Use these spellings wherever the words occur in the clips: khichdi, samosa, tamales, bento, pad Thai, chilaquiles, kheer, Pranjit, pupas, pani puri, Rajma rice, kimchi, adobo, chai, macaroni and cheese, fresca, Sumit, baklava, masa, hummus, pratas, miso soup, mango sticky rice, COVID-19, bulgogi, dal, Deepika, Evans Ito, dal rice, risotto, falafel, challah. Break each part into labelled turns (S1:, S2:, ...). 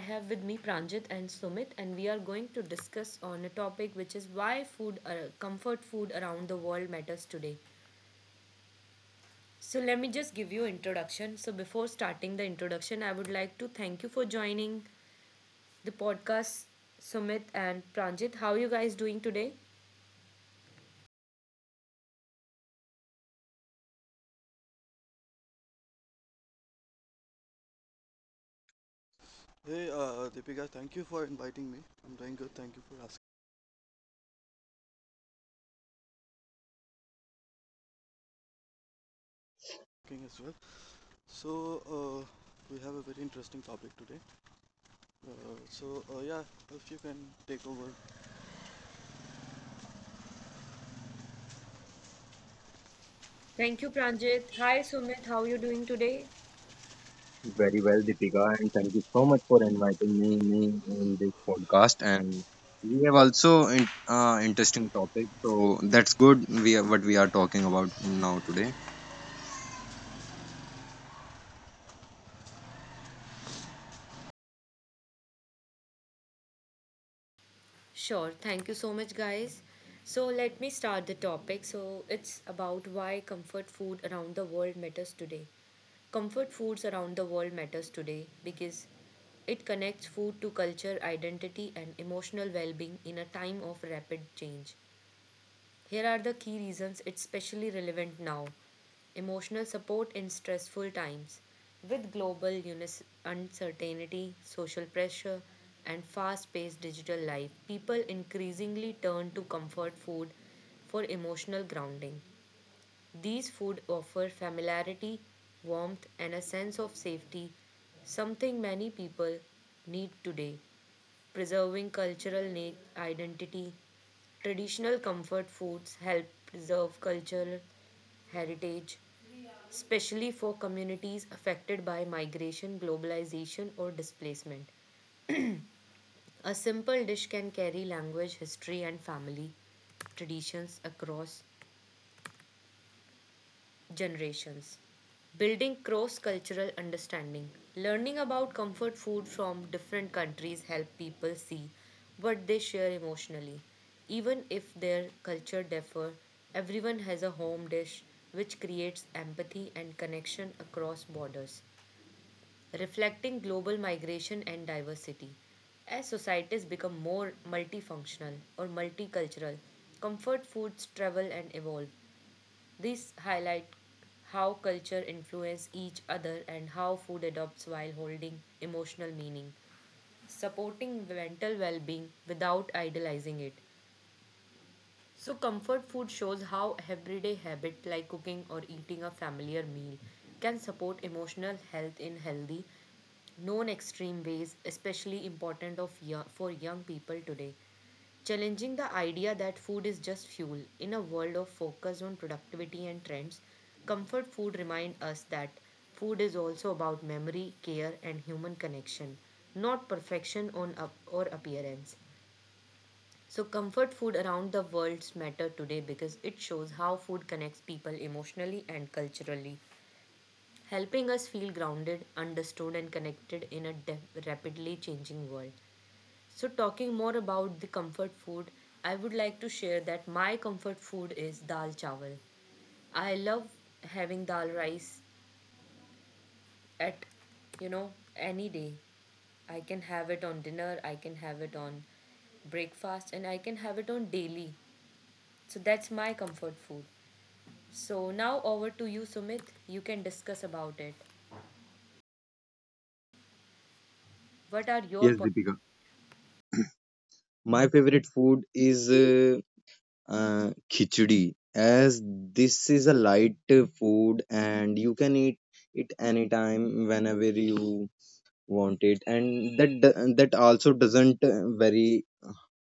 S1: have with me Pranjit and Sumit, and we are going to discuss on a topic which is why comfort food around the world matters today. So, let me just give you introduction. So, before starting the introduction, I would like to thank you for joining the podcast, Sumit and Pranjit. How are you guys doing today?
S2: Hey, Deepika, thank you for inviting me. I'm doing good. Thank you for asking as well. So, uh, we have a very interesting topic today. Uh, yeah, if you can take over
S1: Thank you, Pranjit. Hi, Sumit. How are you doing today?
S3: Very well, Deepika, and thank you so much for inviting me in this podcast. And we have also interesting topic, so that's good. We are what we are talking about now today.
S1: Sure, thank you so much, guys. So, let me start the topic. So, it's about why comfort food around the world matters today. Comfort foods around the world matters today because it connects food to culture, identity, and emotional well being in a time of rapid change. Here are the key reasons it's especially relevant now. Emotional support in stressful times. With global uncertainty, social pressure, and fast paced digital life, people increasingly turn to comfort food for emotional grounding. These food offer familiarity, warmth, and a sense of safety, something many people need today. Preserving cultural identity. Traditional comfort foods help preserve cultural heritage, especially for communities affected by migration, globalization, or displacement. A simple dish can carry language, history, and family traditions across generations. Building cross cultural understanding. Learning about comfort food from different countries help people see what they share emotionally. Even if their culture differ, everyone has a home dish which creates empathy and connection across borders, reflecting global migration and diversity. As societies become more multifunctional or multicultural, comfort foods travel and evolve. This highlight how culture influence each other and how food adopts while holding emotional meaning, supporting mental well-being without idolizing it. So, comfort food shows how everyday habit like cooking or eating a familiar meal can support emotional health in healthy, non extreme ways, especially important for young people today. Challenging the idea that food is just fuel in a world of focus on productivity and trends, comfort food remind us that food is also about memory, care, and human connection, not perfection on up or appearance. So, comfort food around the world matter today because it shows how food connects people emotionally and culturally, helping us feel grounded, understood, and connected in a rapidly changing world. So, talking more about the comfort food, I would like to share that my comfort food is dal chawal. I love having dal rice at, any day. I can have it on dinner, I can have it on breakfast, and I can have it on daily. So that's my comfort food. So now over to you, Sumit. You can discuss about it. What are your
S3: Yes,
S1: points?
S3: Deepika. My favorite food is khichdi, as this is a light food and you can eat it anytime, whenever you want it, and that that also doesn't very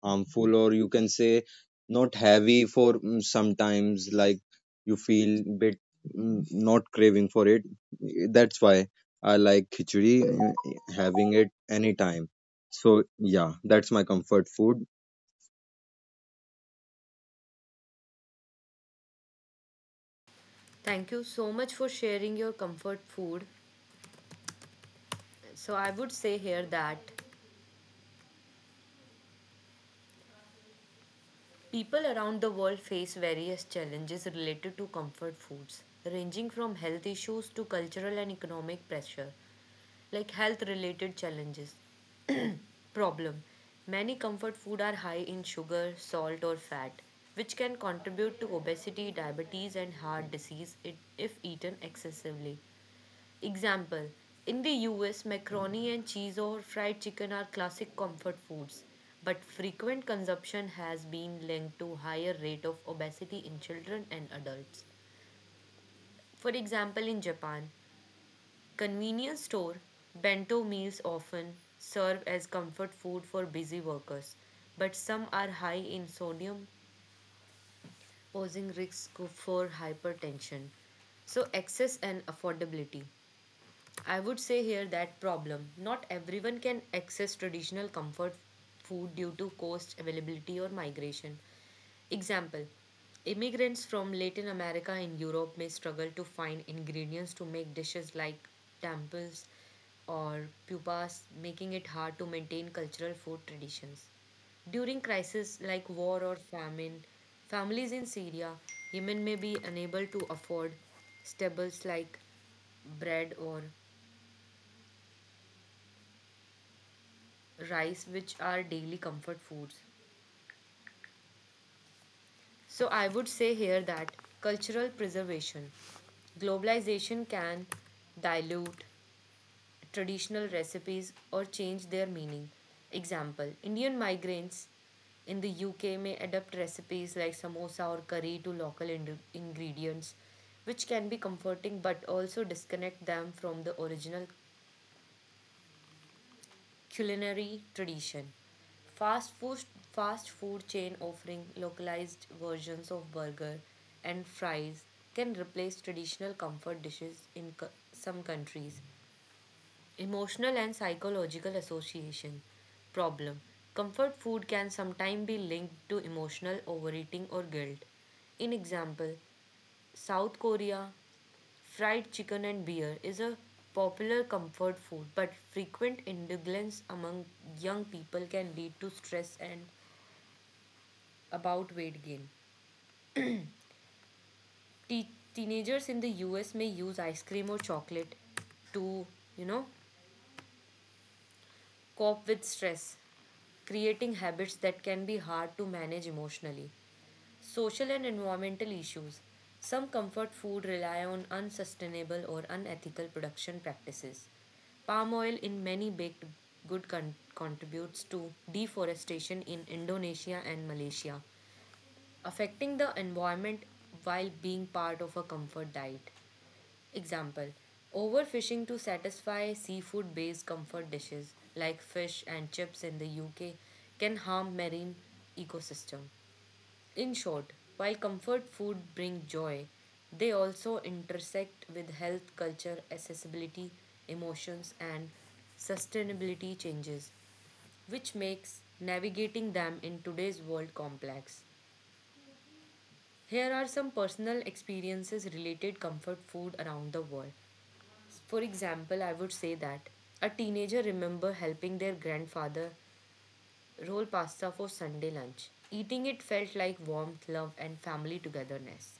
S3: harmful, or you can say not heavy for sometimes, like you feel bit not craving for it. That's why I like khichdi, uh, having it anytime. So yeah, that's my comfort food.
S1: Thank you so much for sharing your comfort food. So I would say here that people around the world face various challenges related to comfort foods, ranging from health issues to cultural and economic pressure. Like health related challenges problem. Many comfort food are high in sugar salt or fat, which can contribute to obesity diabetes and heart disease if eaten excessively. Example, in the US, macaroni and cheese or fried chicken are classic comfort foods, but frequent consumption has been linked to higher rate of obesity in children and adults. For example, in Japan, convenience store bento meals often serve as comfort food for busy workers, but some are high in sodium, posing risks for hypertension. So, access and affordability. I would say here that problem. Not everyone can access traditional comfort food due to cost, availability, or migration. Example, immigrants from Latin America and Europe may struggle to find ingredients to make dishes like temples or pupas, making it hard to maintain cultural food traditions. During crises like war or famine, families in Syria, Yemen may be unable to afford staples like bread or rice, which are daily comfort foods. So, I would say here that cultural preservation, globalization can dilute traditional recipes or change their meaning. Example, Indian migrants in the UK may adapt recipes like samosa or curry to local ingredients, which can be comforting but also disconnect them from the original culinary tradition. Fast food, fast food chain offering localized versions of burger and fries can replace traditional comfort dishes in some countries. Emotional and psychological association problem. Comfort food can sometimes be linked to emotional overeating or guilt. In example, South Korea, fried chicken and beer is a popular comfort food, but frequent indulgence among young people can lead to stress and about weight gain. Te- Teenagers in the US may use ice cream or chocolate to, you know, cope with stress, creating habits that can be hard to manage emotionally. Social and environmental issues. Some comfort food rely on unsustainable or unethical production practices. Palm oil in many baked good contributes to deforestation in Indonesia and Malaysia, affecting the environment while being part of a comfort diet. Example, overfishing to satisfy seafood based comfort dishes like fish and chips in the UK can harm marine ecosystem. In short, while comfort food bring joy, they also intersect with health, culture, accessibility, emotions and sustainability changes, which makes navigating them in today's world complex. Here are some personal experiences related comfort food around the world. For example, I would say that a teenager remember helping their grandfather roll pasta for Sunday lunch. Eating it felt like warmth, love and family togetherness.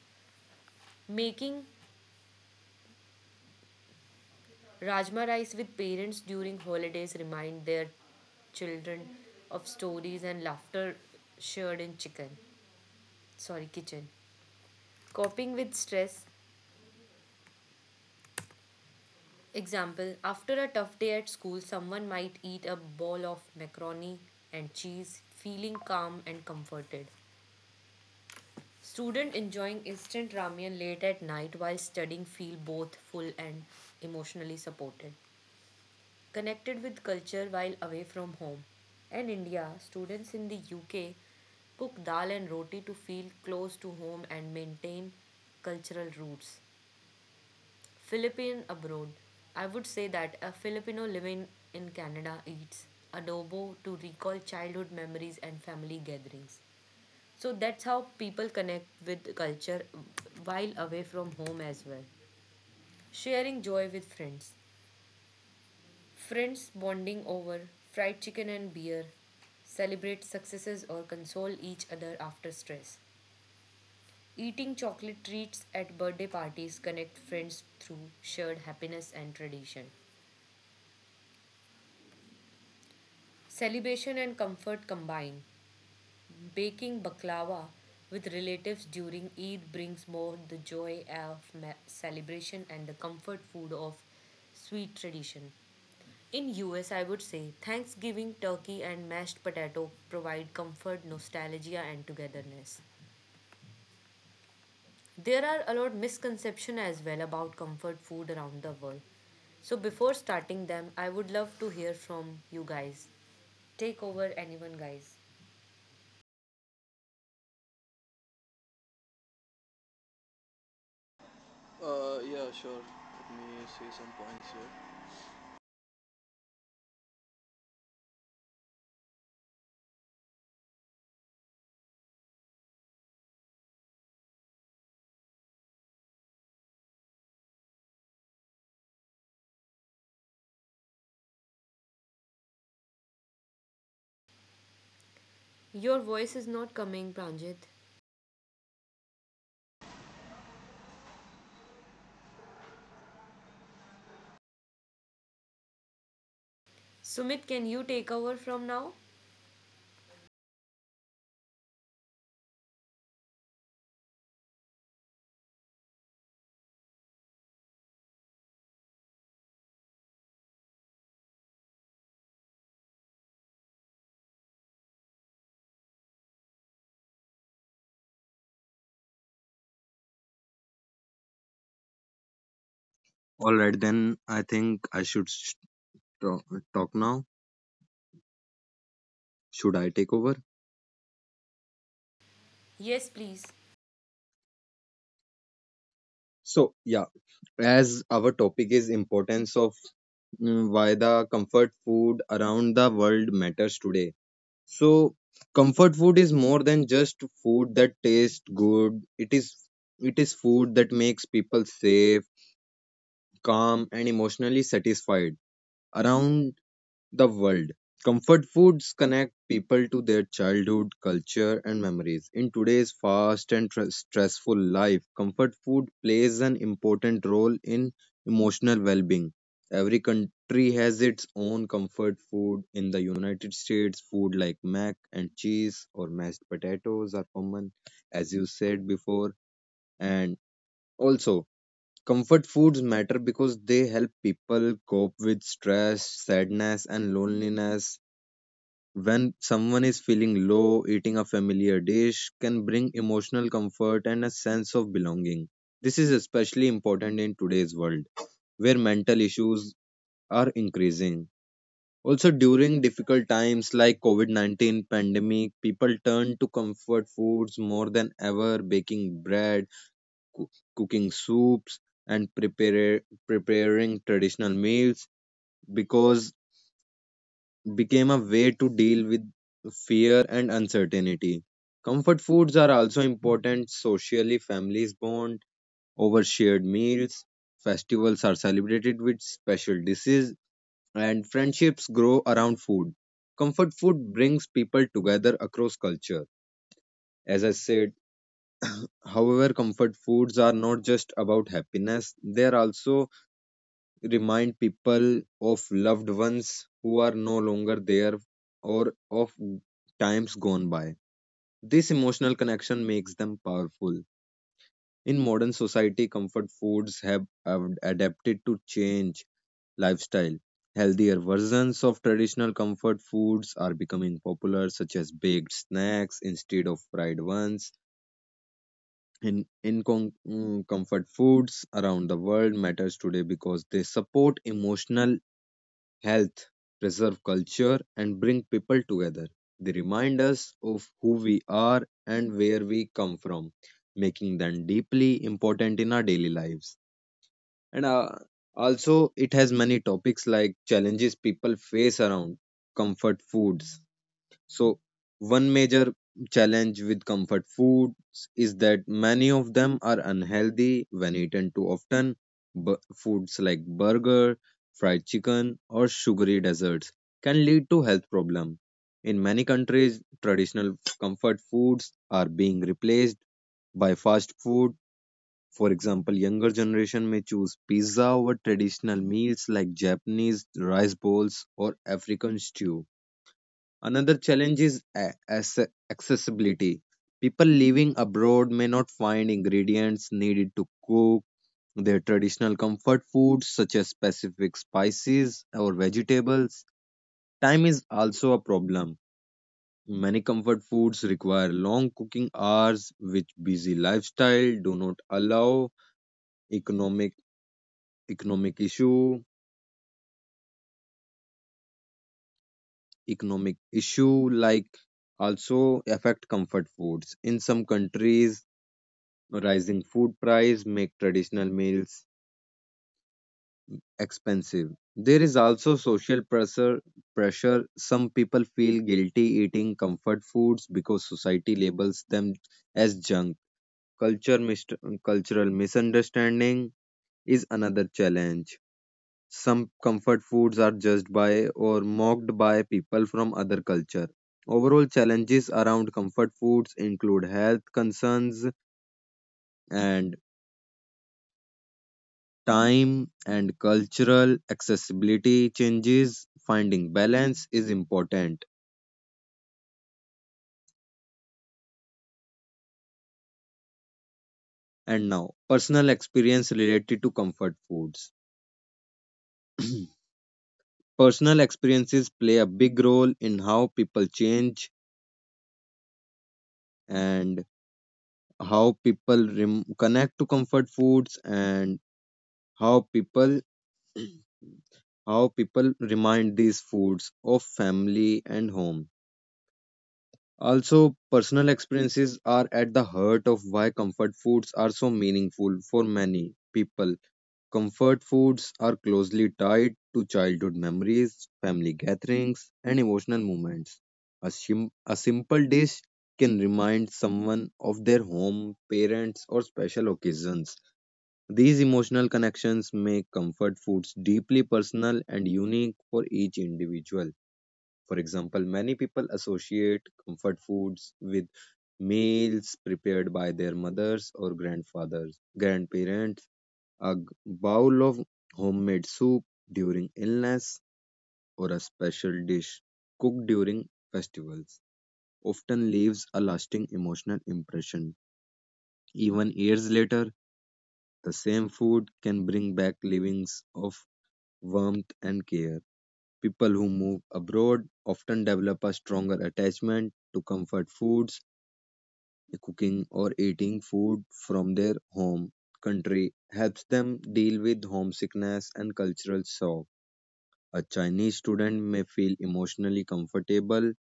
S1: Making Rajma rice with parents during holidays remind their children of stories and laughter shared in chicken. Sorry, kitchen. Coping with stress. Example, after a tough day at school, someone might eat a bowl of macaroni and cheese, feeling calm and comforted. Student enjoying instant ramen late at night while studying feel both full and emotionally supported. Connected with culture while away from home. In India, students in the UK cook dal and roti to feel close to home and maintain cultural roots. Philippine abroad, I would say that a Filipino living in Canada eats adobo to recall childhood memories and family gatherings. So that's how people connect with culture while away from home as well. Sharing joy with friends. Friends bonding over fried chicken and beer, celebrate successes or console each other after stress. Eating chocolate treats at birthday parties connect friends through shared happiness and tradition. Celebration and comfort combine. Baking baklava with relatives during Eid brings more the joy of celebration and the comfort food of sweet tradition. In US, I would say Thanksgiving turkey and mashed potato provide comfort, nostalgia and togetherness. There are a lot misconception as well about comfort food around the world. So before starting them, I would love to hear from you guys. Take over anyone guys.
S2: Uh, Yeah, sure. Let me say some points here.
S1: Your voice is not coming, Pranjit. Sumit, can you take over from now?
S3: All right, then I think I should talk now. Should I take over?
S1: Yes, please.
S3: So yeah, as our topic is importance of, why the comfort food around the world matters today. So comfort food is more than just food that tastes good. It is food that makes people safe, calm, and emotionally satisfied. Around the world, comfort foods connect people to their childhood, culture, and memories. In today's fast and stressful life, comfort food plays an important role in emotional well being. Every country has its own comfort food. In the United States, food like mac and cheese or mashed potatoes are common, as you said before. And also, comfort foods matter because they help people cope with stress, sadness, and loneliness. When someone is feeling low, eating a familiar dish can bring emotional comfort and a sense of belonging. This is especially important in today's world, where mental issues are increasing. Also, during difficult times like COVID -19 pandemic, people turn to comfort foods more than ever, baking bread, coo- cooking soups, and preparing traditional meals, because became a way to deal with fear and uncertainty. Comfort foods are also important socially. Families bond over shared meals, festivals are celebrated with special dishes, and friendships grow around food. Comfort food brings people together across culture. As I said, however, comfort foods are not just about happiness, they are also remind people of loved ones who are no longer there, or of times gone by. This emotional connection makes them powerful. In modern society, comfort foods have adapted to change lifestyle. Healthier versions of traditional comfort foods are becoming popular, such as baked snacks instead of fried ones. Comfort foods around the world matters today because they support emotional health, preserve culture, and bring people together. They remind us of who we are and where we come from, making them deeply important in our daily lives. And also, it has many topics like challenges people face around comfort foods. So, one major challenge with comfort foods is that many of them are unhealthy when eaten too often. Foods like burger, fried chicken, or sugary desserts can lead to health problems. In many countries, traditional comfort foods are being replaced by fast food. For example, younger generation may choose pizza over traditional meals like Japanese rice bowls or African stew. Another challenge is accessibility. People living abroad may not find ingredients needed to cook their traditional comfort foods, such as specific spices or vegetables. Time is also a problem. Many comfort foods require long cooking hours, which busy lifestyle do not allow. Economic economic issue economic issue like also affect comfort foods. In some countries, Rising food price make traditional meals expensive. There is also social pressure. Some people feel guilty eating comfort foods because society labels them as junk. Culture mist- Cultural misunderstanding is another challenge. Some comfort foods are judged by or mocked by people from other culture. Overall, challenges around comfort foods include health concerns and time and cultural accessibility changes. Finding balance is important. And now, personal experience related to comfort foods. Personal experiences play a big role in how people change and how people connect to comfort foods, and how people how people remind these foods of family and home. Also, personal experiences are at the heart of why comfort foods are so meaningful for many people. Comfort foods are closely tied to childhood memories, family gatherings, and emotional moments. A simple dish can remind someone of their home, parents, or special occasions. These emotional connections make comfort foods deeply personal and unique for each individual. For example, many people associate comfort foods with meals prepared by their mothers or grandparents, a bowl of homemade soup during illness, or a special dish cooked during festivals, often leaves a lasting emotional impression. Even years later, the same food can bring back livings of warmth and care. People who move abroad often develop a stronger attachment to comfort foods. Cooking or eating food from their home country helps them deal with homesickness and cultural shock. A Chinese student may feel emotionally comfortable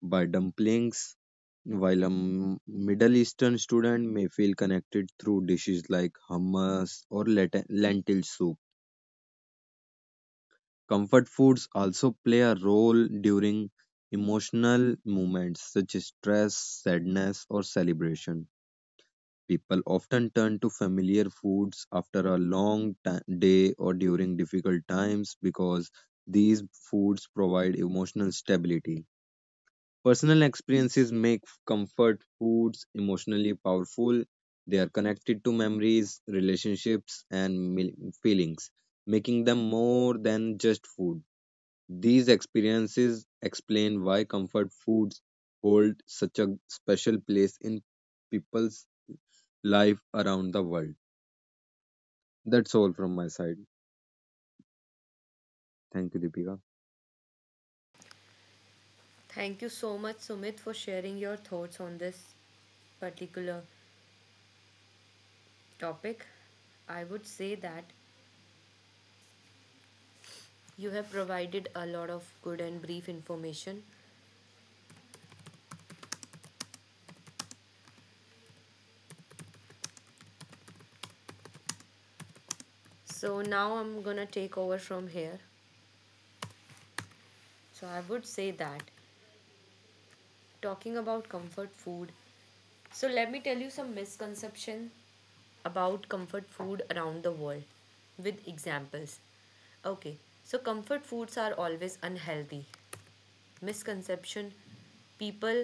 S3: by dumplings, while a Middle Eastern student may feel connected through dishes like hummus or lentil soup. Comfort foods also play a role during emotional moments such as stress, sadness, or celebration. People often turn to familiar foods after a long day or during difficult times because these foods provide emotional stability. Personal experiences make comfort foods emotionally powerful. They are connected to memories, relationships, and feelings, making them more than just food. These experiences explain why comfort foods hold such a special place in people's life around the world. That's all from my side. Thank you, Deepika.
S1: Thank you so much, Sumit, for sharing your thoughts on this particular topic. I would say that you have provided a lot of good and brief information. So now I'm gonna take over from here. So I would say that talking about comfort food. So let me tell you some misconception about comfort food around the world with examples. Okay, so comfort foods are always unhealthy. Misconception, people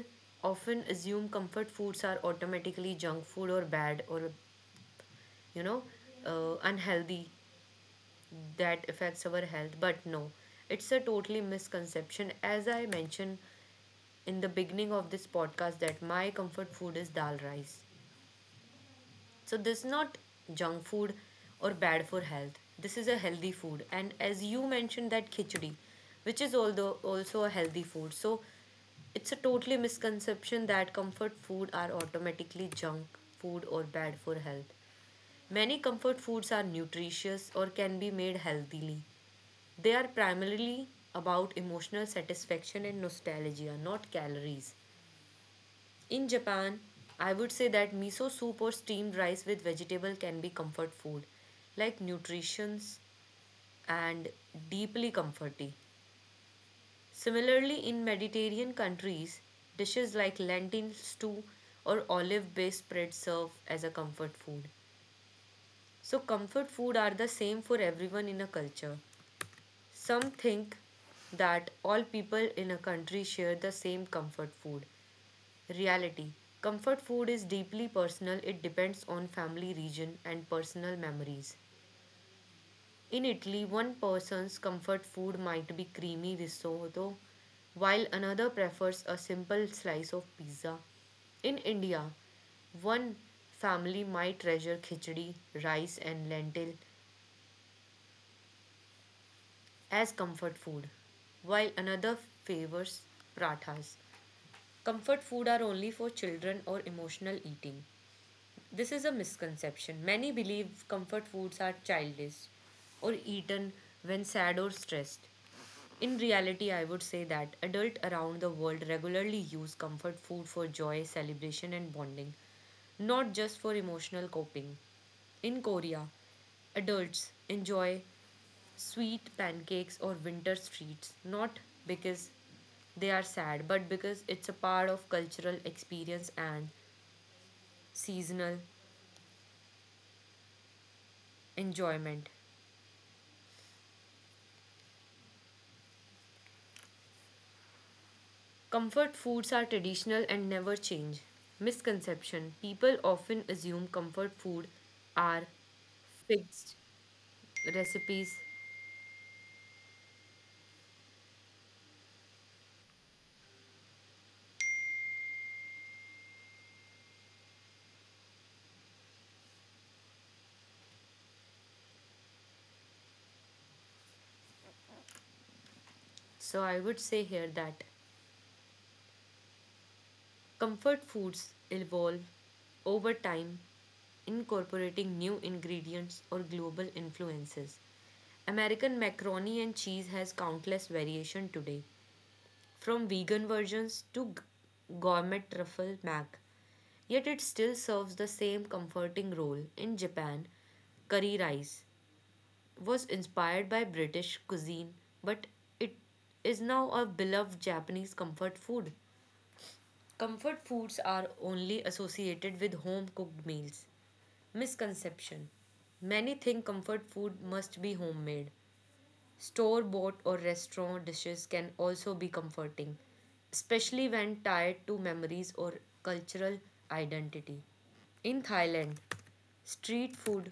S1: often assume comfort foods are automatically junk food or bad or you know unhealthy that affects our health. But no, it's a totally misconception. As I mentioned in the beginning of this podcast that my comfort food is dal rice. So this is not junk food or bad for health. This is a healthy food. And as you mentioned that khichdi, which is although also a healthy food. So it's a totally misconception that comfort food are automatically junk food or bad for health. Many comfort foods are nutritious or can be made healthily. They are primarily about emotional satisfaction and nostalgia, not calories. In Japan, I would say that miso soup or steamed rice with vegetable can be comfort food, like nutritious and deeply comforting. Similarly, in Mediterranean countries, dishes like lentil stew or olive-based spread serve as a comfort food. So comfort food are the same for everyone in a culture. Some think that all people in a country share the same comfort food. Reality, comfort food is deeply personal, it depends on family region and personal memories. In Italy, one person's comfort food might be creamy risotto, while another prefers a simple slice of pizza. In India, one family might treasure khichdi, rice, and lentil as comfort food, while another favors pratas. Comfort food are only for children or emotional eating. This is a misconception. Many believe comfort foods are childish or eaten when sad or stressed. In reality, I would say that adults around the world regularly use comfort food for joy, celebration, and bonding, not just for emotional coping. In Korea, adults enjoy sweet pancakes or winter treats not because they are sad but because it's a part of cultural experience and seasonal enjoyment. Comfort foods are traditional and never change. Misconception. People often assume comfort food are fixed recipes. So I would say here that comfort foods evolve over time, incorporating new ingredients or global influences. American macaroni and cheese has countless variation today, from vegan versions to gourmet truffle mac. Yet it still serves the same comforting role. In Japan, curry rice was inspired by British cuisine, but it is now a beloved Japanese comfort food. Comfort foods are only associated with home cooked meals. Misconception. Many think comfort food must be homemade. Store bought or restaurant dishes can also be comforting, especially when tied to memories or cultural identity. In Thailand, street food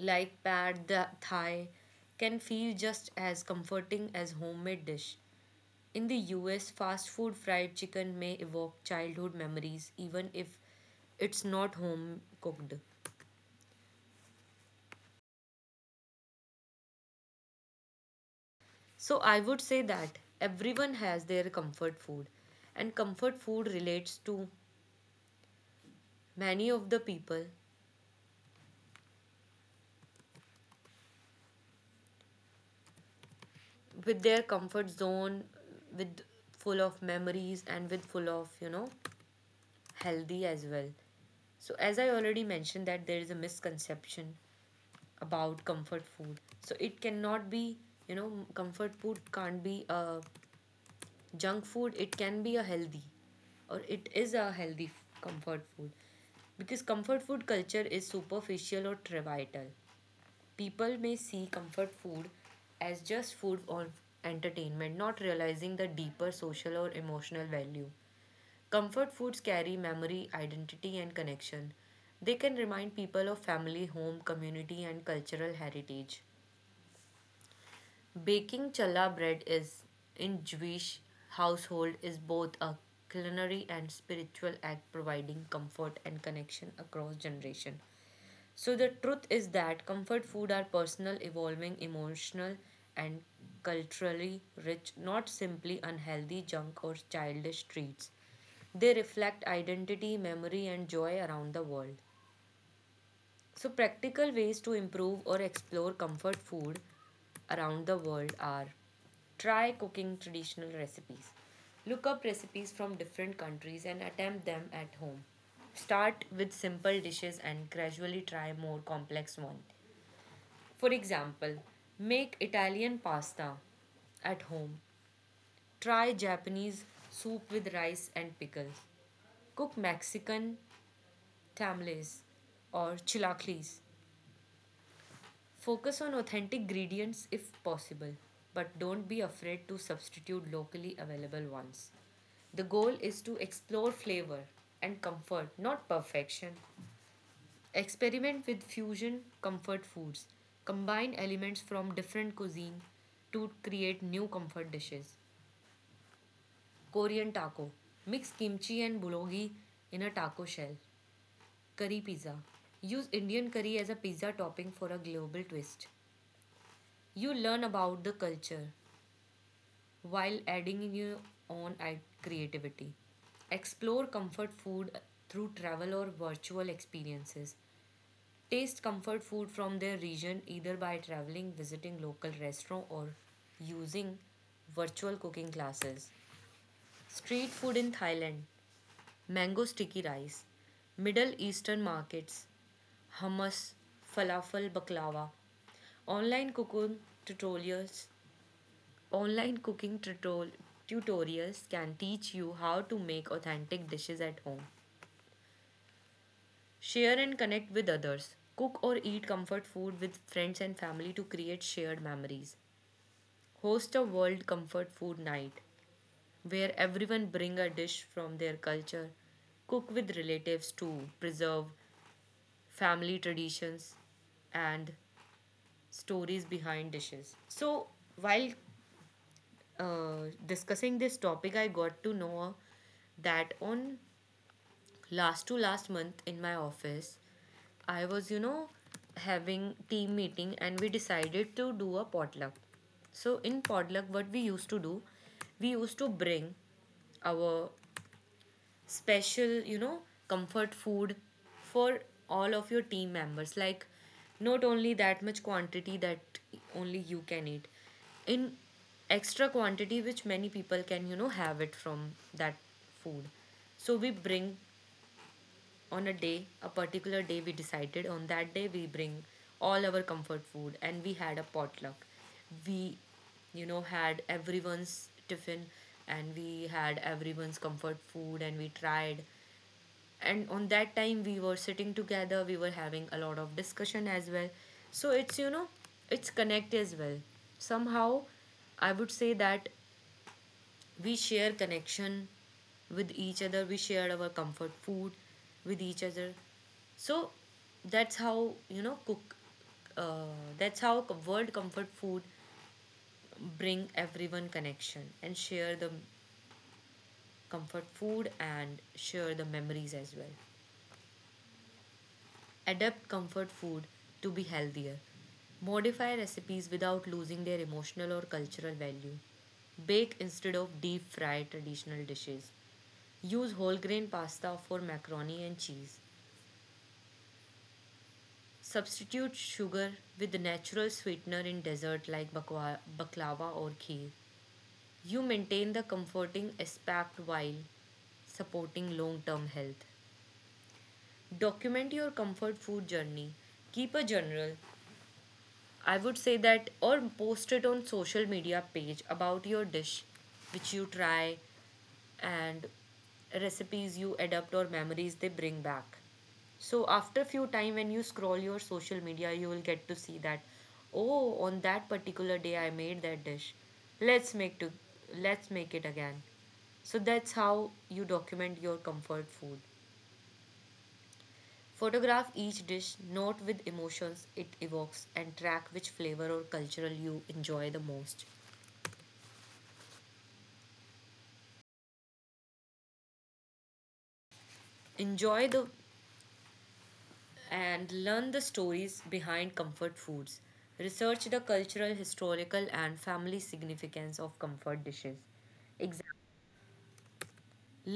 S1: like pad Thai can feel just as comforting as homemade dish. In the US, fast food fried chicken may evoke childhood memories even if it's not home cooked. So I would say that everyone has their comfort food, and comfort food relates to many of the people, with their comfort zone, with full of memories, and with full of, you know, healthy as well. So, as I already mentioned, that there is a misconception about comfort food. So, it cannot be, you know, comfort food can't be a junk food, it can be a healthy, or it is a healthy comfort food. Because comfort food culture is superficial or trivial. People may see comfort food as just food or entertainment, not realizing the deeper social or emotional value. Comfort foods carry memory, identity, and connection. They can remind people of family, home, community, and cultural heritage. Baking challah bread is in Jewish household is both a culinary and spiritual act, providing comfort and connection across generation. So the truth is that comfort food are personal, evolving, emotional, and culturally rich, not simply unhealthy junk or childish treats. They reflect identity, memory, and joy around the world. So, practical ways to improve or explore comfort food around the world are: try cooking traditional recipes, look up recipes from different countries, and attempt them at home. Start with simple dishes and gradually try more complex ones. For example, make Italian pasta at home. Try Japanese soup with rice and pickles. Cook Mexican tamales or chilaquiles. Focus on authentic ingredients if possible, but don't be afraid to substitute locally available ones. The goal is to explore flavor and comfort, not perfection. Experiment with fusion comfort foods. Combine elements from different cuisine to create new comfort dishes. Korean taco. Mix kimchi and bulgogi in a taco shell. Curry pizza. Use Indian curry as a pizza topping for a global twist. You learn about the culture, while adding your own creativity. Explore comfort food through travel or virtual experiences. Taste comfort food from their region, either by traveling, visiting local restaurant, or using virtual cooking classes. Street food in Thailand, mango sticky rice, Middle Eastern markets, hummus, falafel, baklava, online cooking tutorials. Online cooking tutorials can teach you how to make authentic dishes at home. Share and connect with others. Cook or eat comfort food with friends and family to create shared memories. Host a world comfort food night where everyone bring a dish from their culture. Cook with relatives to preserve family traditions and stories behind dishes. So, while discussing this topic, I got to know that on last to last month in my office, I was, you know, having team meeting, and we decided to do a potluck. So in potluck, what we used to do, we used to bring our special, you know, comfort food for all of your team members, like not only that much quantity that only you can eat, in extra quantity which many people can, you know, have it from that food. So we bring on a day, a particular day we decided, on that day we bring all our comfort food and we had a potluck. We, you know, had everyone's tiffin and we had everyone's comfort food and we tried. And on that time we were sitting together, we were having a lot of discussion as well. So it's, you know, it's connect as well. Somehow I would say that we share connection with each other, we share our comfort food with each other. So that's how, you know, cook uh, that's how world comfort food bring everyone connection and share the comfort food and share the memories as well. Adapt comfort food to be healthier. Modify recipes without losing their emotional or cultural value. Bake instead of deep fry traditional dishes. Use whole grain pasta for macaroni and cheese. Substitute sugar with the natural sweetener in dessert like baklava or kheer. You maintain the comforting aspect while supporting long term health. Document your comfort food journey. Keep a journal, I would say, that or post it on social media page about your dish which you try and recipes you adopt or memories they bring back. So after few time when you scroll your social media you will get to see that, oh, on that particular day I made that dish. Let's make to let's make it again. So that's how you document your comfort food. Photograph each dish, note with emotions it evokes, and track which flavor or cultural you enjoy the most. Enjoy the and learn the stories behind comfort foods. Research the cultural, historical, and family significance of comfort dishes. Example,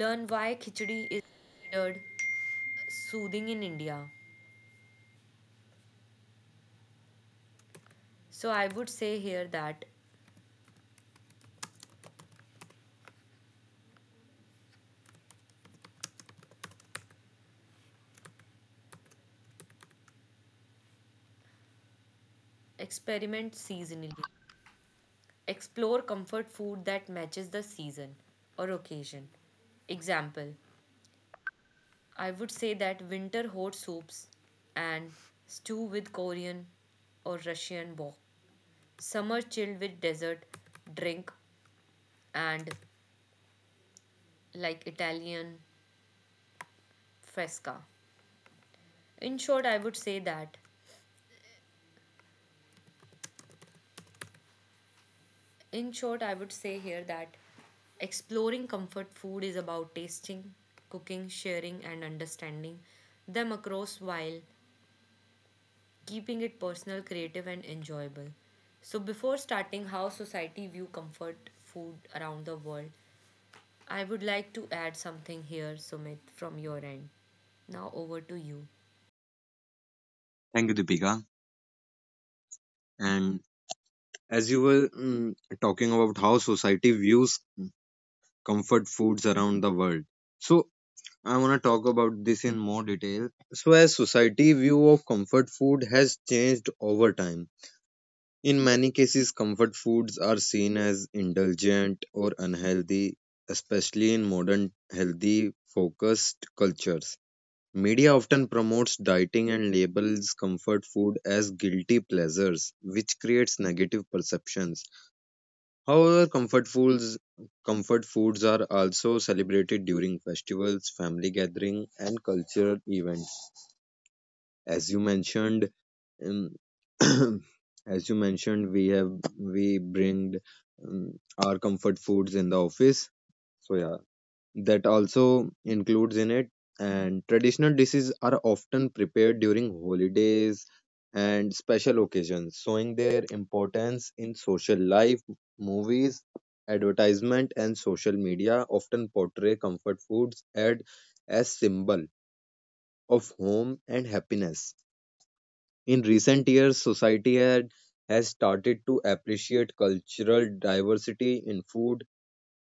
S1: learn why khichdi is considered soothing in India. So I would say here that experiment seasonally. Explore comfort food that matches the season or occasion. Example, I would say that winter hot soups and stew with Korean or Russian wok. Summer chilled with dessert drink and like Italian fresca. In short, I would say that. In short, I would say here that exploring comfort food is about tasting, cooking, sharing, and understanding them across, while keeping it personal, creative, and enjoyable. So, before starting how society view comfort food around the world, I would like to add something here, Sumit, from your end. Now, over to you.
S3: Thank you, Deepika. And as you were talking about how society views comfort foods around the world, so I want to talk about this in more detail. So, as society view of comfort food has changed over time, in many cases, comfort foods are seen as indulgent or unhealthy, especially in modern healthy focused cultures. Media often promotes dieting and labels comfort food as guilty pleasures, which creates negative perceptions. However, comfort foods are also celebrated during festivals, family gathering, and cultural events. As you mentioned, um, as you mentioned, we have we bring um, our comfort foods in the office. So yeah, that also includes in it, and traditional dishes are often prepared during holidays and special occasions, showing their importance in social life. Movies, advertisement, and social media often portray comfort foods as symbol of home and happiness. In recent years, society has started to appreciate cultural diversity in food.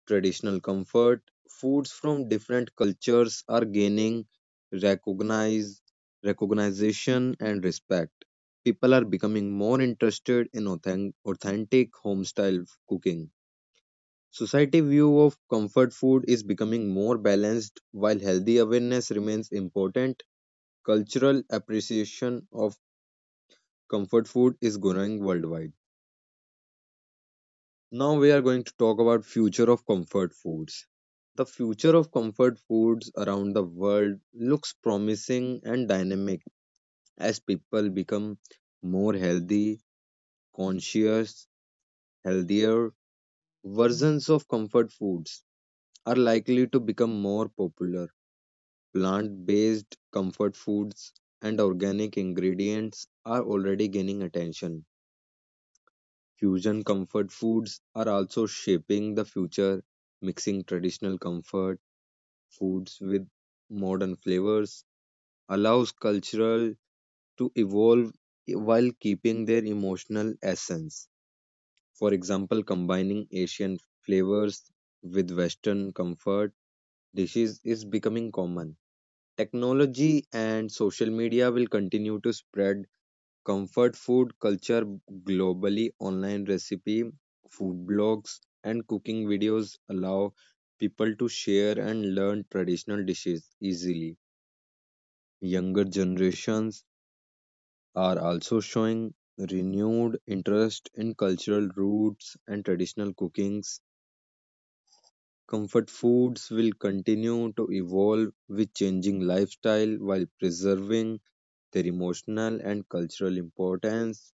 S3: Traditional comfort foods from different cultures are gaining recognize, recognition and respect. People are becoming more interested in authentic home style cooking. Society view of comfort food is becoming more balanced. While healthy awareness remains important, cultural appreciation of comfort food is growing worldwide. Now we are going to talk about future of comfort foods. The future of comfort foods around the world looks promising and dynamic. As people become more healthy, conscious, healthier versions of comfort foods are likely to become more popular. Plant-based comfort foods and organic ingredients are already gaining attention. Fusion comfort foods are also shaping the future, mixing traditional comfort foods with modern flavors, allows cultural to evolve while keeping their emotional essence. For example, combining Asian flavors with Western comfort dishes is becoming common. Technology and social media will continue to spread comfort food culture globally. Online recipe, food blogs, and cooking videos allow people to share and learn traditional dishes easily. Younger generations are also showing renewed interest in cultural roots and traditional cookings. Comfort foods will continue to evolve with changing lifestyle while preserving their emotional and cultural importance.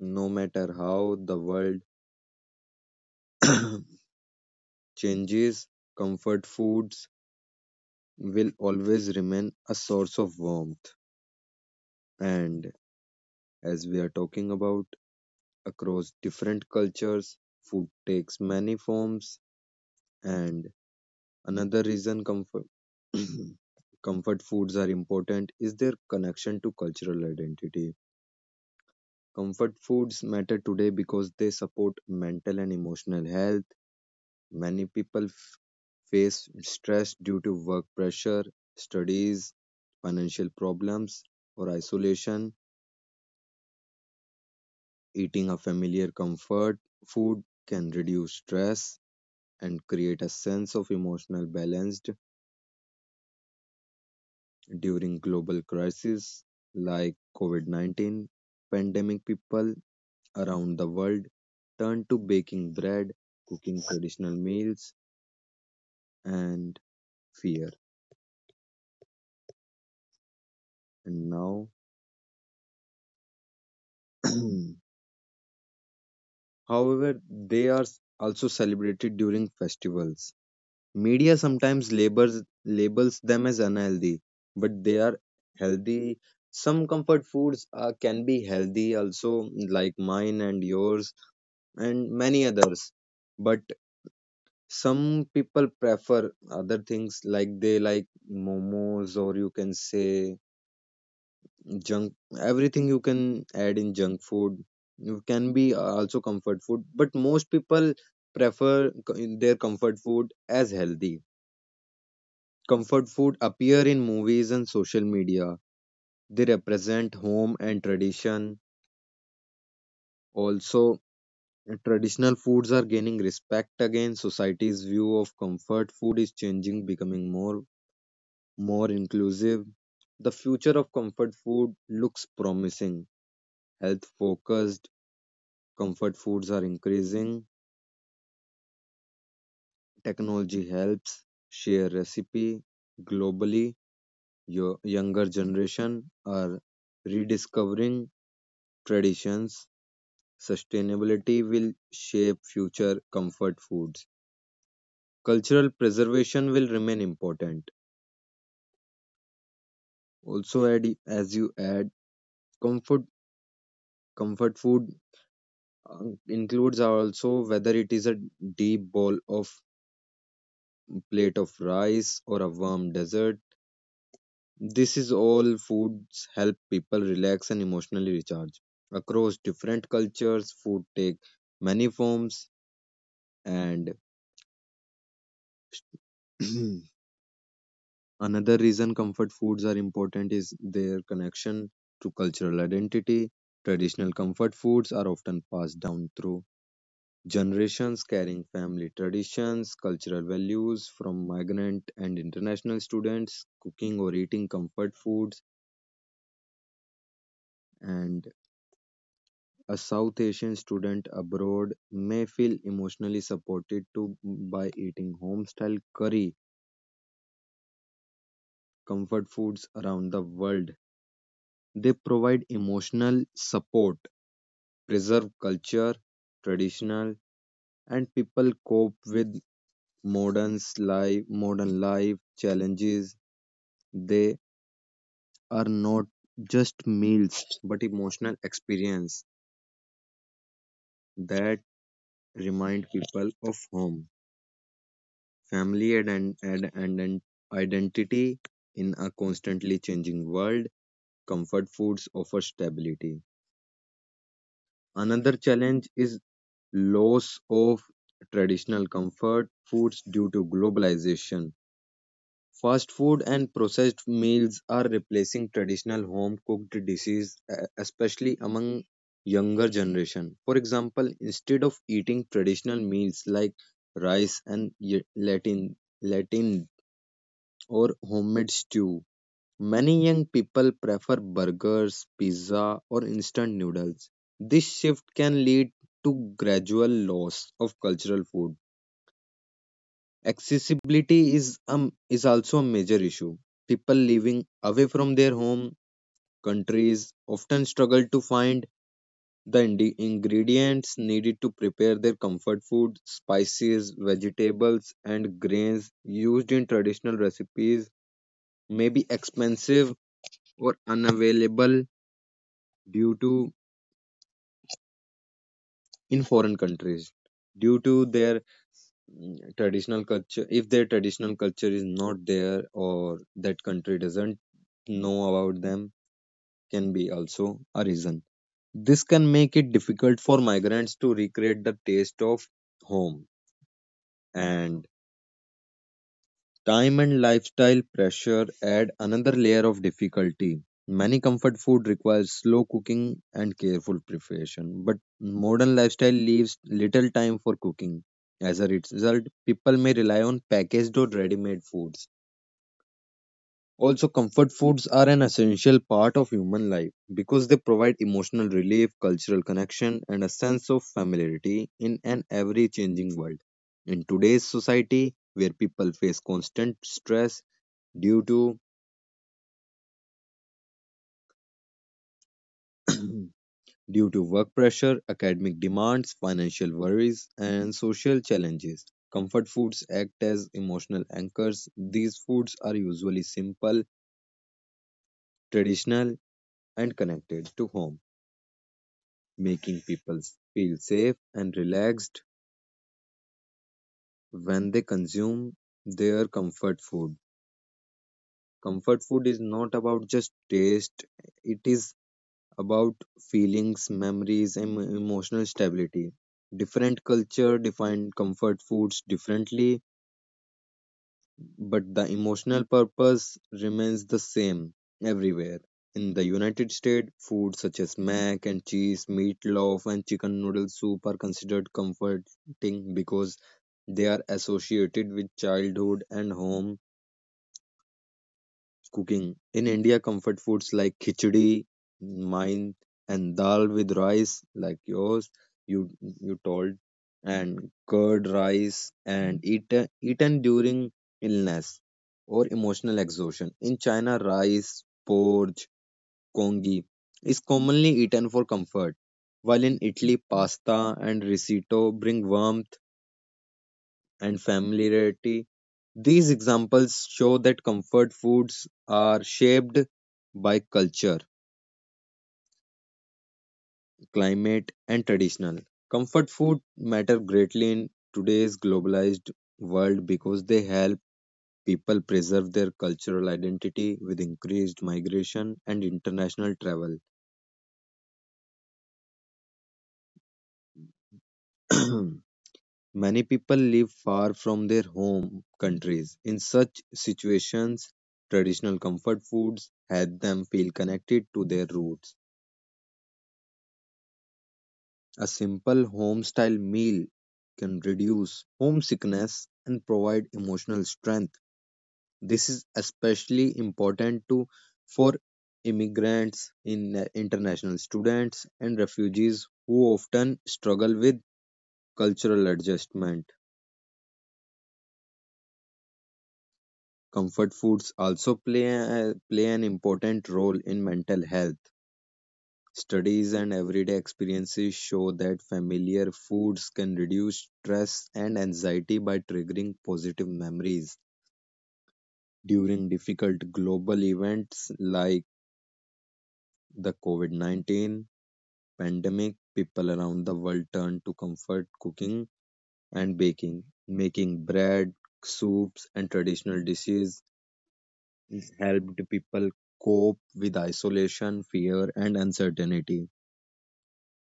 S3: No matter how the world changes, comfort foods will always remain a source of warmth. And as we are talking about across different cultures, food takes many forms, and another reason comfort comfort foods are important is their connection to cultural identity. Comfort foods matter today because they support mental and emotional health. Many people face stress due to work pressure, studies, financial problems, or isolation. Eating a familiar comfort food can reduce stress and create a sense of emotional balance. During global crises like COVID-19 pandemic, people around the world turn to baking bread, cooking traditional meals, and fear. And now however, they are also celebrated during festivals. Media sometimes labels them as unhealthy, but they are healthy. Some comfort foods can be healthy also, like mine and yours and many others. But some people prefer other things, like they like momos, or you can say junk. Everything you can add in junk food you can be also comfort food, but most people prefer in their comfort food as healthy. Comfort food appear in movies and social media. They represent home and tradition. Also, traditional foods are gaining respect again. Society's view of comfort food is changing, becoming more inclusive. The future of comfort food looks promising. Health focused comfort foods are increasing. Technology helps share recipe globally. Your Younger generation are rediscovering traditions. Sustainability will shape future comfort foods. Cultural preservation will remain important. Also, as you add, comfort comfort food includes also whether it is a deep bowl of plate of rice or a warm dessert. This is all foods help people relax and emotionally recharge. Across different cultures, food take many forms and another reason comfort foods are important is their connection to cultural identity. Traditional comfort foods are often passed down through generations, carrying family traditions, cultural values from migrant and international students. Cooking or eating comfort foods, and a South Asian student abroad may feel emotionally supported to by eating home style curry comfort foods around the world. They provide emotional support preserve culture, traditional, and people cope with modern life challenges. They are not just meals, but emotional experience that remind people of home, family, and identity in a constantly changing world. Comfort foods offer stability. Another challenge is loss of traditional comfort foods due to globalization. Fast food and processed meals are replacing traditional home cooked dishes, especially among younger generation. For example, instead of eating traditional meals like rice and Latin or homemade stew, many young people prefer burgers, pizza, or instant noodles. This shift can lead to gradual loss of cultural food. Accessibility is also a major issue. People living away from their home countries often struggle to find the ingredients needed to prepare their comfort food. Spices, vegetables, and grains used in traditional recipes may be expensive or unavailable due to in foreign countries due to their traditional culture. If their traditional culture is not there or that country doesn't know about them can be also a reason. This can make it difficult for migrants to recreate the taste of home. And time and lifestyle pressure add another layer of difficulty. Many comfort food requires slow cooking and careful preparation, but modern lifestyle leaves little time for cooking. As a result, people may rely on packaged or ready made foods. Also, comfort foods are an essential part of human life because they provide emotional relief, cultural connection, and a sense of familiarity in an ever changing world. In today's society, where people face constant stress due to due to work pressure, academic demands, financial worries, and social challenges, comfort foods act as emotional anchors. These foods are usually simple, traditional, and connected to home, making people feel safe and relaxed when they consume their comfort food. Comfort food is not about just taste, it is about feelings, memories, and emotional stability. Different culture define comfort foods differently, but the emotional purpose remains the same everywhere. In the United States, food such as mac and cheese, meatloaf, and chicken noodle soup are considered comforting because they are associated with childhood and home cooking. In India, comfort foods like khichdi, mine, and dal with rice, like yours, you told, and curd rice, and eaten during illness or emotional exhaustion. In China, rice, porridge, congee is commonly eaten for comfort, while in Italy, pasta and risotto bring warmth and familiarity. These examples show that comfort foods are shaped by culture, climate, and traditional. Comfort food matter greatly in today's globalized world because they help people preserve their cultural identity with increased migration and international travel. Many people live far from their home countries. In such situations, traditional comfort foods help them feel connected to their roots. A simple home style meal can reduce homesickness and provide emotional strength. This is especially important to for immigrants in international students and refugees who often struggle with cultural adjustment. Comfort foods also play an important role in mental health. Studies and everyday experiences show that familiar foods can reduce stress and anxiety by triggering positive memories. During difficult global events like the COVID 19 pandemic, people around the world turn to comfort cooking and baking, making bread, soups, and traditional dishes helped people cope with isolation, fear, and uncertainty.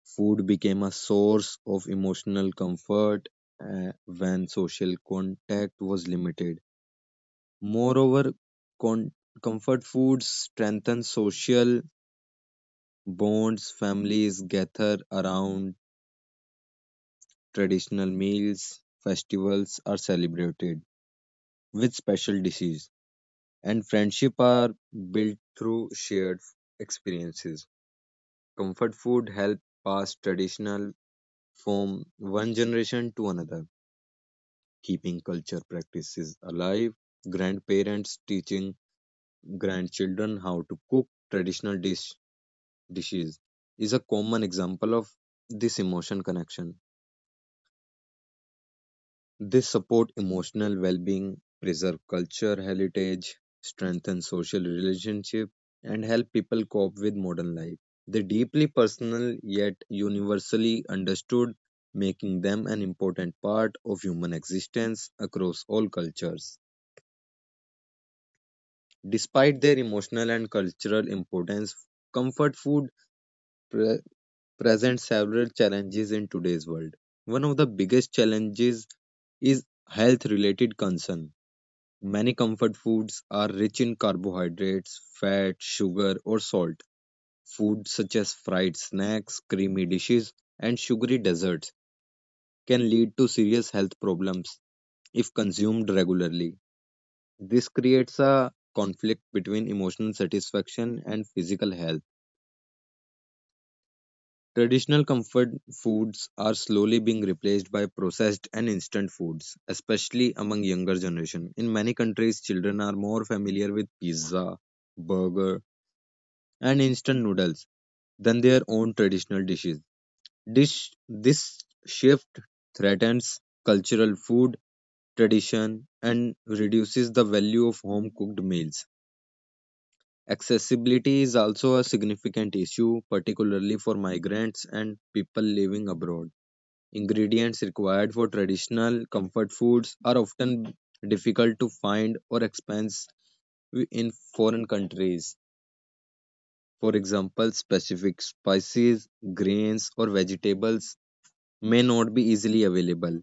S3: Food became a source of emotional comfort when social contact was limited. Moreover, con- comfort foods strengthen social bonds, families gather around traditional meals, festivals are celebrated with special dishes, and friendship are built through shared experiences. Comfort food helped pass traditional from one generation to another, keeping culture practices alive. Grandparents teaching grandchildren how to cook traditional dishes is a common example of this emotion connection. They support emotional well-being, preserve culture heritage, strengthen social relationship, and help people cope with modern life. They're deeply personal yet universally understood, making them an important part of human existence across all cultures. Despite their emotional and cultural importance, comfort food pre- presents several challenges in today's world. One of the biggest challenges is health related concern. Many comfort foods are rich in carbohydrates, fat, sugar, or salt. Foods such as fried snacks, creamy dishes, and sugary desserts can lead to serious health problems if consumed regularly. This creates a conflict between emotional satisfaction and physical health. Traditional comfort foods are slowly being replaced by processed and instant foods, especially among younger generation. In many countries, children are more familiar with pizza, burger, and instant noodles than their own traditional dishes. This shift threatens cultural food tradition and reduces the value of home cooked meals. Accessibility is also a significant issue, particularly for migrants and people living abroad. Ingredients required for traditional comfort foods are often difficult to find or expensive in foreign countries. For example, specific spices, grains, or vegetables may not be easily available,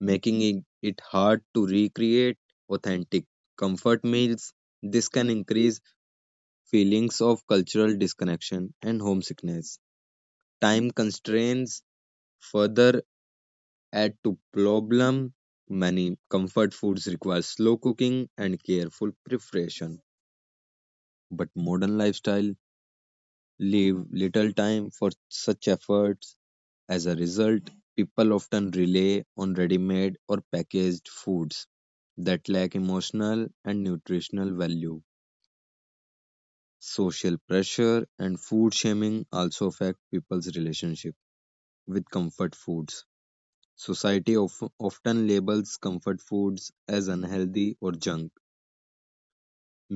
S3: making it hard to recreate authentic comfort meals. This can increase feelings of cultural disconnection and homesickness. Time constraints further add to problem. Many comfort foods require slow cooking and careful preparation, but modern lifestyle leave little time for such efforts. As a result, people often rely on ready-made or packaged foods that lack emotional and nutritional value. Social pressure and food shaming also affect people's relationship with comfort foods. Society often labels comfort foods as unhealthy or junk,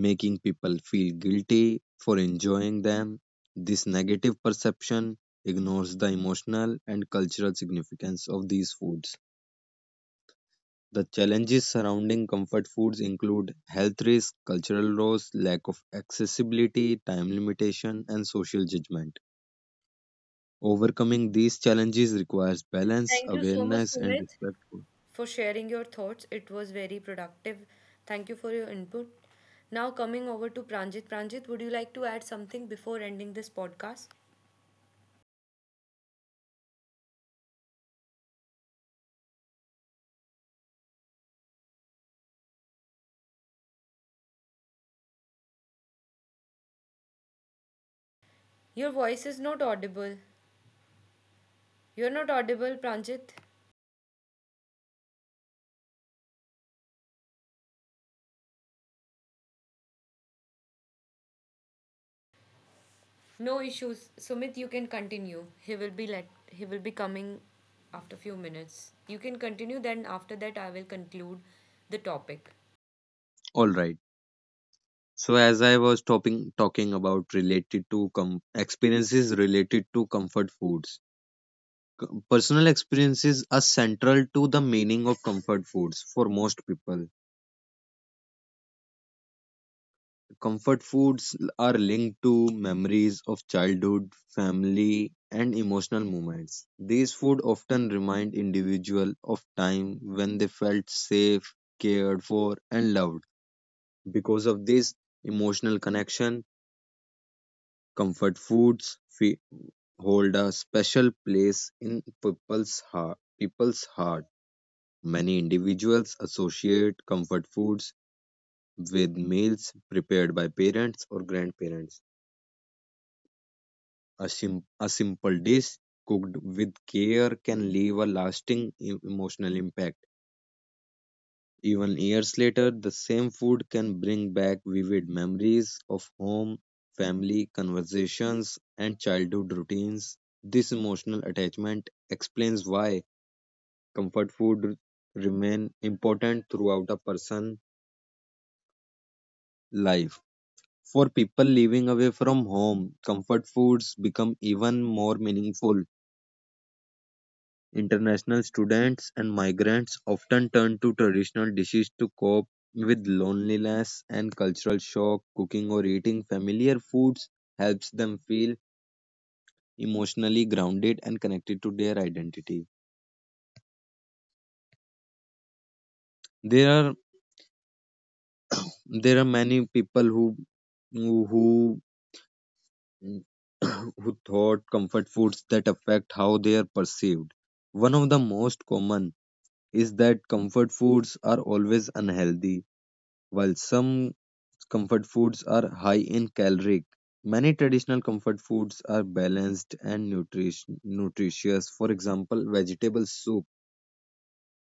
S3: making people feel guilty for enjoying them. This negative perception ignores the emotional and cultural significance of these foods. The challenges surrounding comfort foods include health risks, cultural roles, lack of accessibility, time limitation, and social judgment. Overcoming these challenges requires balance,
S1: Thank you so much,
S3: awareness, and
S1: Sumit,
S3: respect.
S1: for sharing your thoughts, it was very productive. Thank you for your input. Now, coming over to Pranjit. Pranjit, would you like to add something before ending this podcast? Your voice is not audible. You're not audible, Pranjit. No issues. Sumit, you can continue. He will be coming after few minutes. You can continue, then after that I will conclude the topic.
S3: All right. So, as I was talking about related to experiences related to comfort foods, personal experiences are central to the meaning of comfort foods for most people. Comfort foods are linked to memories of childhood, family, and emotional moments. These food often remind individual of time when they felt safe, cared for, and loved. Because of this emotional connection, comfort foods hold a special place in people's heart. Many individuals associate comfort foods with meals prepared by parents or grandparents. A simple dish cooked with care can leave a lasting emotional impact. Even years later, the same food can bring back vivid memories of home, family, conversations, and childhood routines. This emotional attachment explains why comfort food remain important throughout a person's life. For people living away from home, comfort foods become even more meaningful. International students and migrants often turn to traditional dishes to cope with loneliness and cultural shock. Cooking or eating familiar foods helps them feel emotionally grounded and connected to their identity. There are there are many people who who who thought comfort foods that affect how they are perceived. One of the most common is that comfort foods are always unhealthy. While some comfort foods are high in caloric, many traditional comfort foods are balanced and nutritious. For example, vegetable soup,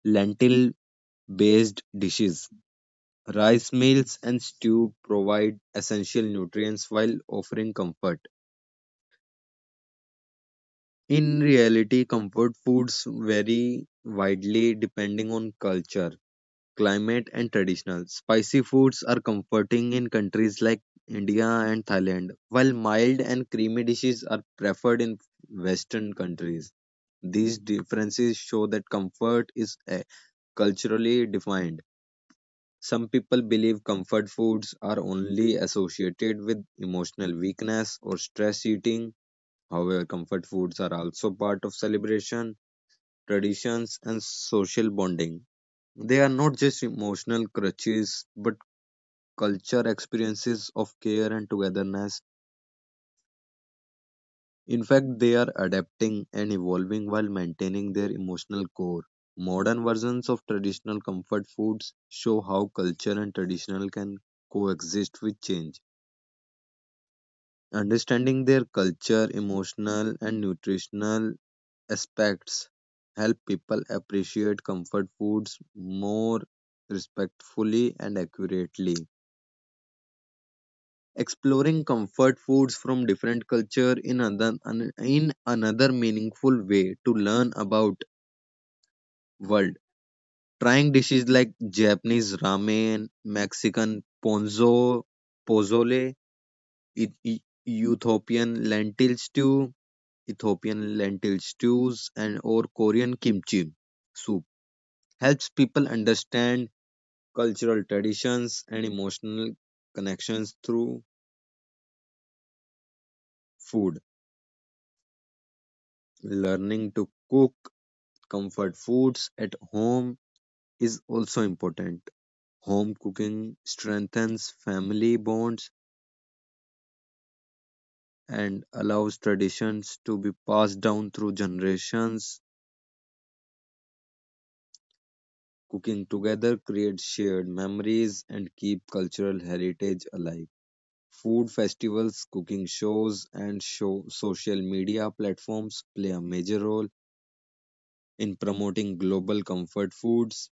S3: lentil based dishes, rice meals, and stew provide essential nutrients while offering comfort. In reality, comfort foods vary widely depending on culture, climate and traditional. Spicy foods are comforting in countries like India and Thailand, while mild and creamy dishes are preferred in Western countries. These differences show that comfort is culturally defined. Some people believe comfort foods are only associated with emotional weakness or stress eating. However, comfort foods are also part of celebration, traditions, and social bonding. They are not just emotional crutches, but culture experiences of care and togetherness. In fact, they are adapting and evolving while maintaining their emotional core. Modern versions of traditional comfort foods show how culture and traditional can coexist with change. Understanding their culture, emotional, and nutritional aspects help people appreciate comfort foods more respectfully and accurately. Exploring comfort foods from different culture in another meaningful way to learn about world trying dishes like Japanese ramen, Mexican ponzo pozole, E- E- ethiopian lentil stew ethiopian lentil stews and or Korean kimchi soup helps people understand cultural traditions and emotional connections through food. Learning to cook comfort foods at home is also important. Home cooking strengthens family bonds and allows traditions to be passed down through generations. Cooking together creates shared memories and keep cultural heritage alive. Food festivals, cooking shows, and show social media platforms play a major role in promoting global comfort foods.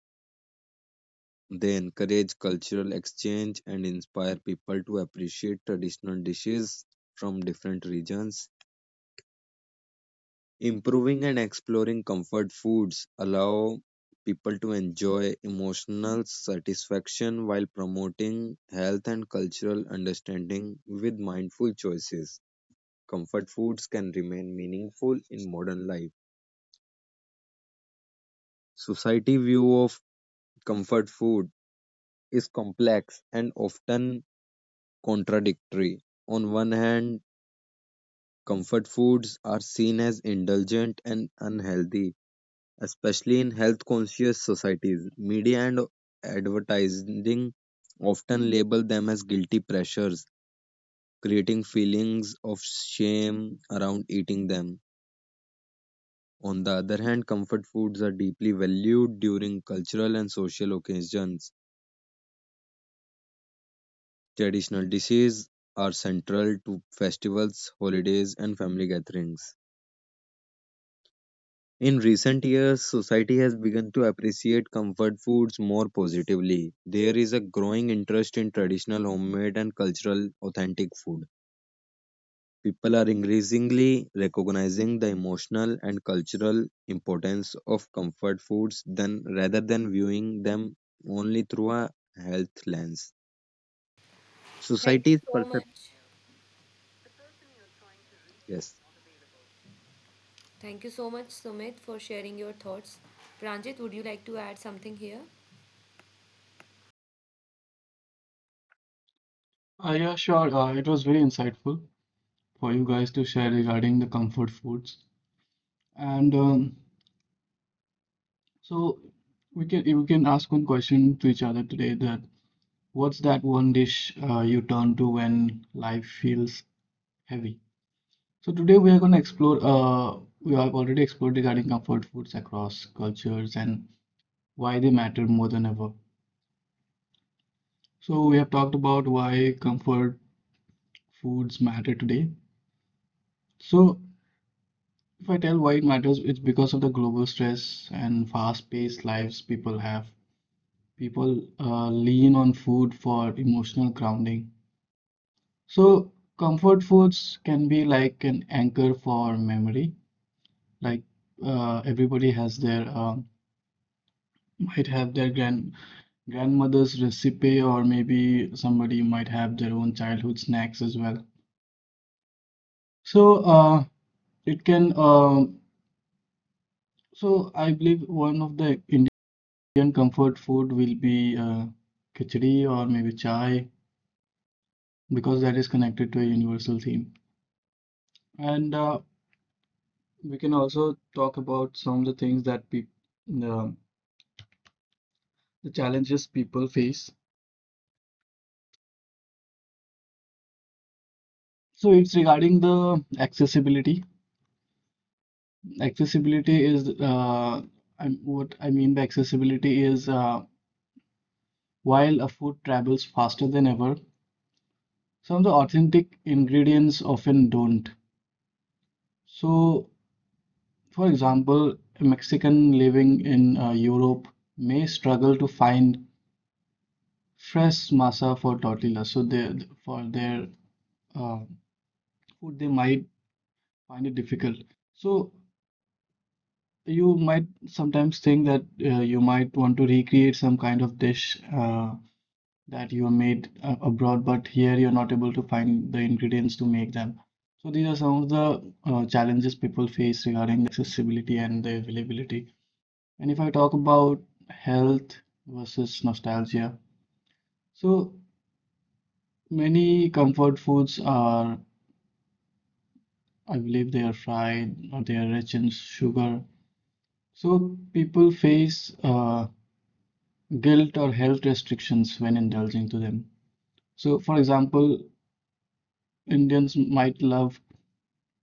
S3: They encourage cultural exchange and inspire people to appreciate traditional dishes from different regions. Improving and exploring comfort foods allow people to enjoy emotional satisfaction while promoting health and cultural understanding with mindful choices. Comfort foods can remain meaningful in modern life. Society view of comfort food is complex and often contradictory. On one hand, comfort foods are seen as indulgent and unhealthy, especially in health conscious societies. Media and advertising often label them as guilty pressures, creating feelings of shame around eating them. On the other hand, comfort foods are deeply valued during cultural and social occasions. Traditional dishes are central to festivals, holidays, and family gatherings. In recent years, society has begun to appreciate comfort foods more positively. There is a growing interest in traditional homemade and cultural authentic food. People are increasingly recognizing the emotional and cultural importance of comfort foods than rather than viewing them only through a health lens.
S1: Thank you
S3: Society's
S1: so
S3: perception.
S1: much.
S3: Yes.
S1: Thank you so much, Sumit, for sharing your thoughts. Pranjit, would you like to add something here?
S2: Yeah, sure. It was very insightful for you guys to share regarding the comfort foods. And so we can you can ask one question to each other today, that what's that one dish you turn to when life feels heavy? So today we are going to explore we have already explored regarding comfort foods across cultures and why they matter more than ever. So we have talked about why comfort foods matter today. So if I tell why it matters, it's because of the global stress and fast-paced lives people have. People lean on food for emotional grounding. So comfort foods can be like an anchor for memory. Like everybody has their might have their grandmother's recipe, or maybe somebody might have their own childhood snacks as well. So, it can So I believe one of the Indian comfort food will be khichdi or maybe chai, because that is connected to a universal theme. And we can also talk about some of the things that the, the challenges people face. So it's regarding the accessibility. Accessibility is uh, what I mean by accessibility is, while a food travels faster than ever, some of the authentic ingredients often don't. So for example, a Mexican living in Europe may struggle to find fresh masa for tortillas. So they, for their uh, food, they might find it difficult. So you might sometimes think that you might want to recreate some kind of dish that you made abroad, but here you're not able to find the ingredients to make them. So these are some of the challenges people face regarding the accessibility and the availability. And if I talk about health versus nostalgia, so many comfort foods are, I believe, they are fried or they are rich in sugar. So people face guilt or health restrictions when indulging to them. So for example, Indians might love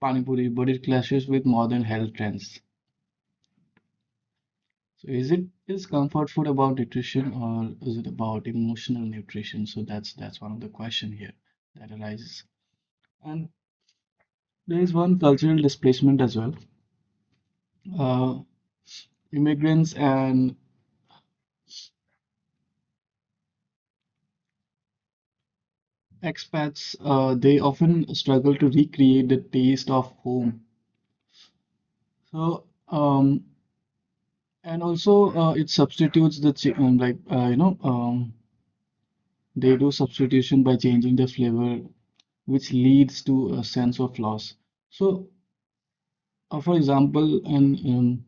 S2: pani puri, but it clashes with modern health trends. So, is comfort food about nutrition, or is it about emotional nutrition? So that's one of the question here that arises. And there is one cultural displacement as well. Uh, immigrants and expats, they often struggle to recreate the taste of home. So, and also it substitutes the ch like you know they do substitution by changing the flavor, which leads to a sense of loss. So, for example, in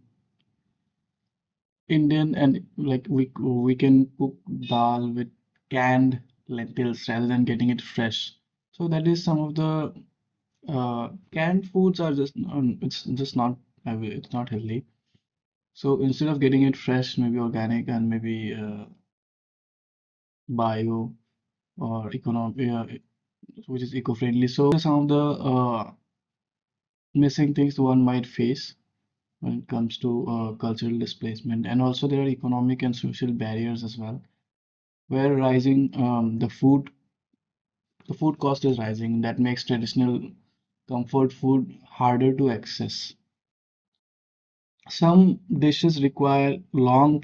S2: Indian and like we can cook dal with canned lentils rather than getting it fresh. So that is some of the canned foods are just it's just not it's not healthy. So instead of getting it fresh, maybe organic and maybe bio or economic, which is eco-friendly. So are some of the missing things one might face when it comes to cultural displacement. And also there are economic and social barriers as well, where rising the food cost is rising, that makes traditional comfort food harder to access. Some dishes require long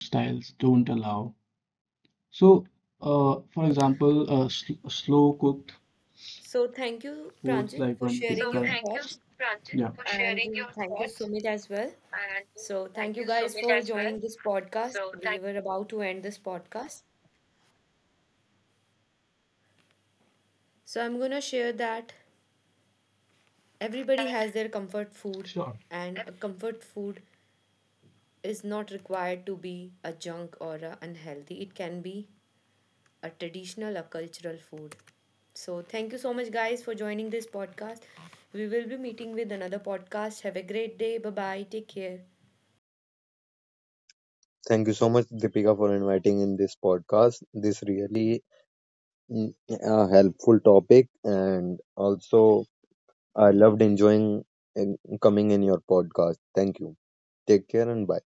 S2: preparation styles, don't allow. So for example, slow cooked
S1: So thank you,
S2: foods,
S1: Pranjit,
S2: like
S1: for
S2: when you take
S1: sharing your
S2: time.
S1: thoughts,
S2: Yeah,
S1: and thank you, Sumit, as well. So thank you guys for joining this podcast. We were about to end this podcast. So I'm going to share that everybody has their comfort food,
S2: sure.
S1: and a comfort food is not required to be a junk or a unhealthy. It can be a traditional a cultural food. So, thank you so much, guys, for joining this podcast. We will be meeting with another podcast. Have a great day. Bye bye. Take care.
S3: Thank you so much, Deepika, for inviting in this podcast. This really a helpful topic and also I loved enjoying coming in your podcast. Thank you. Take care and bye.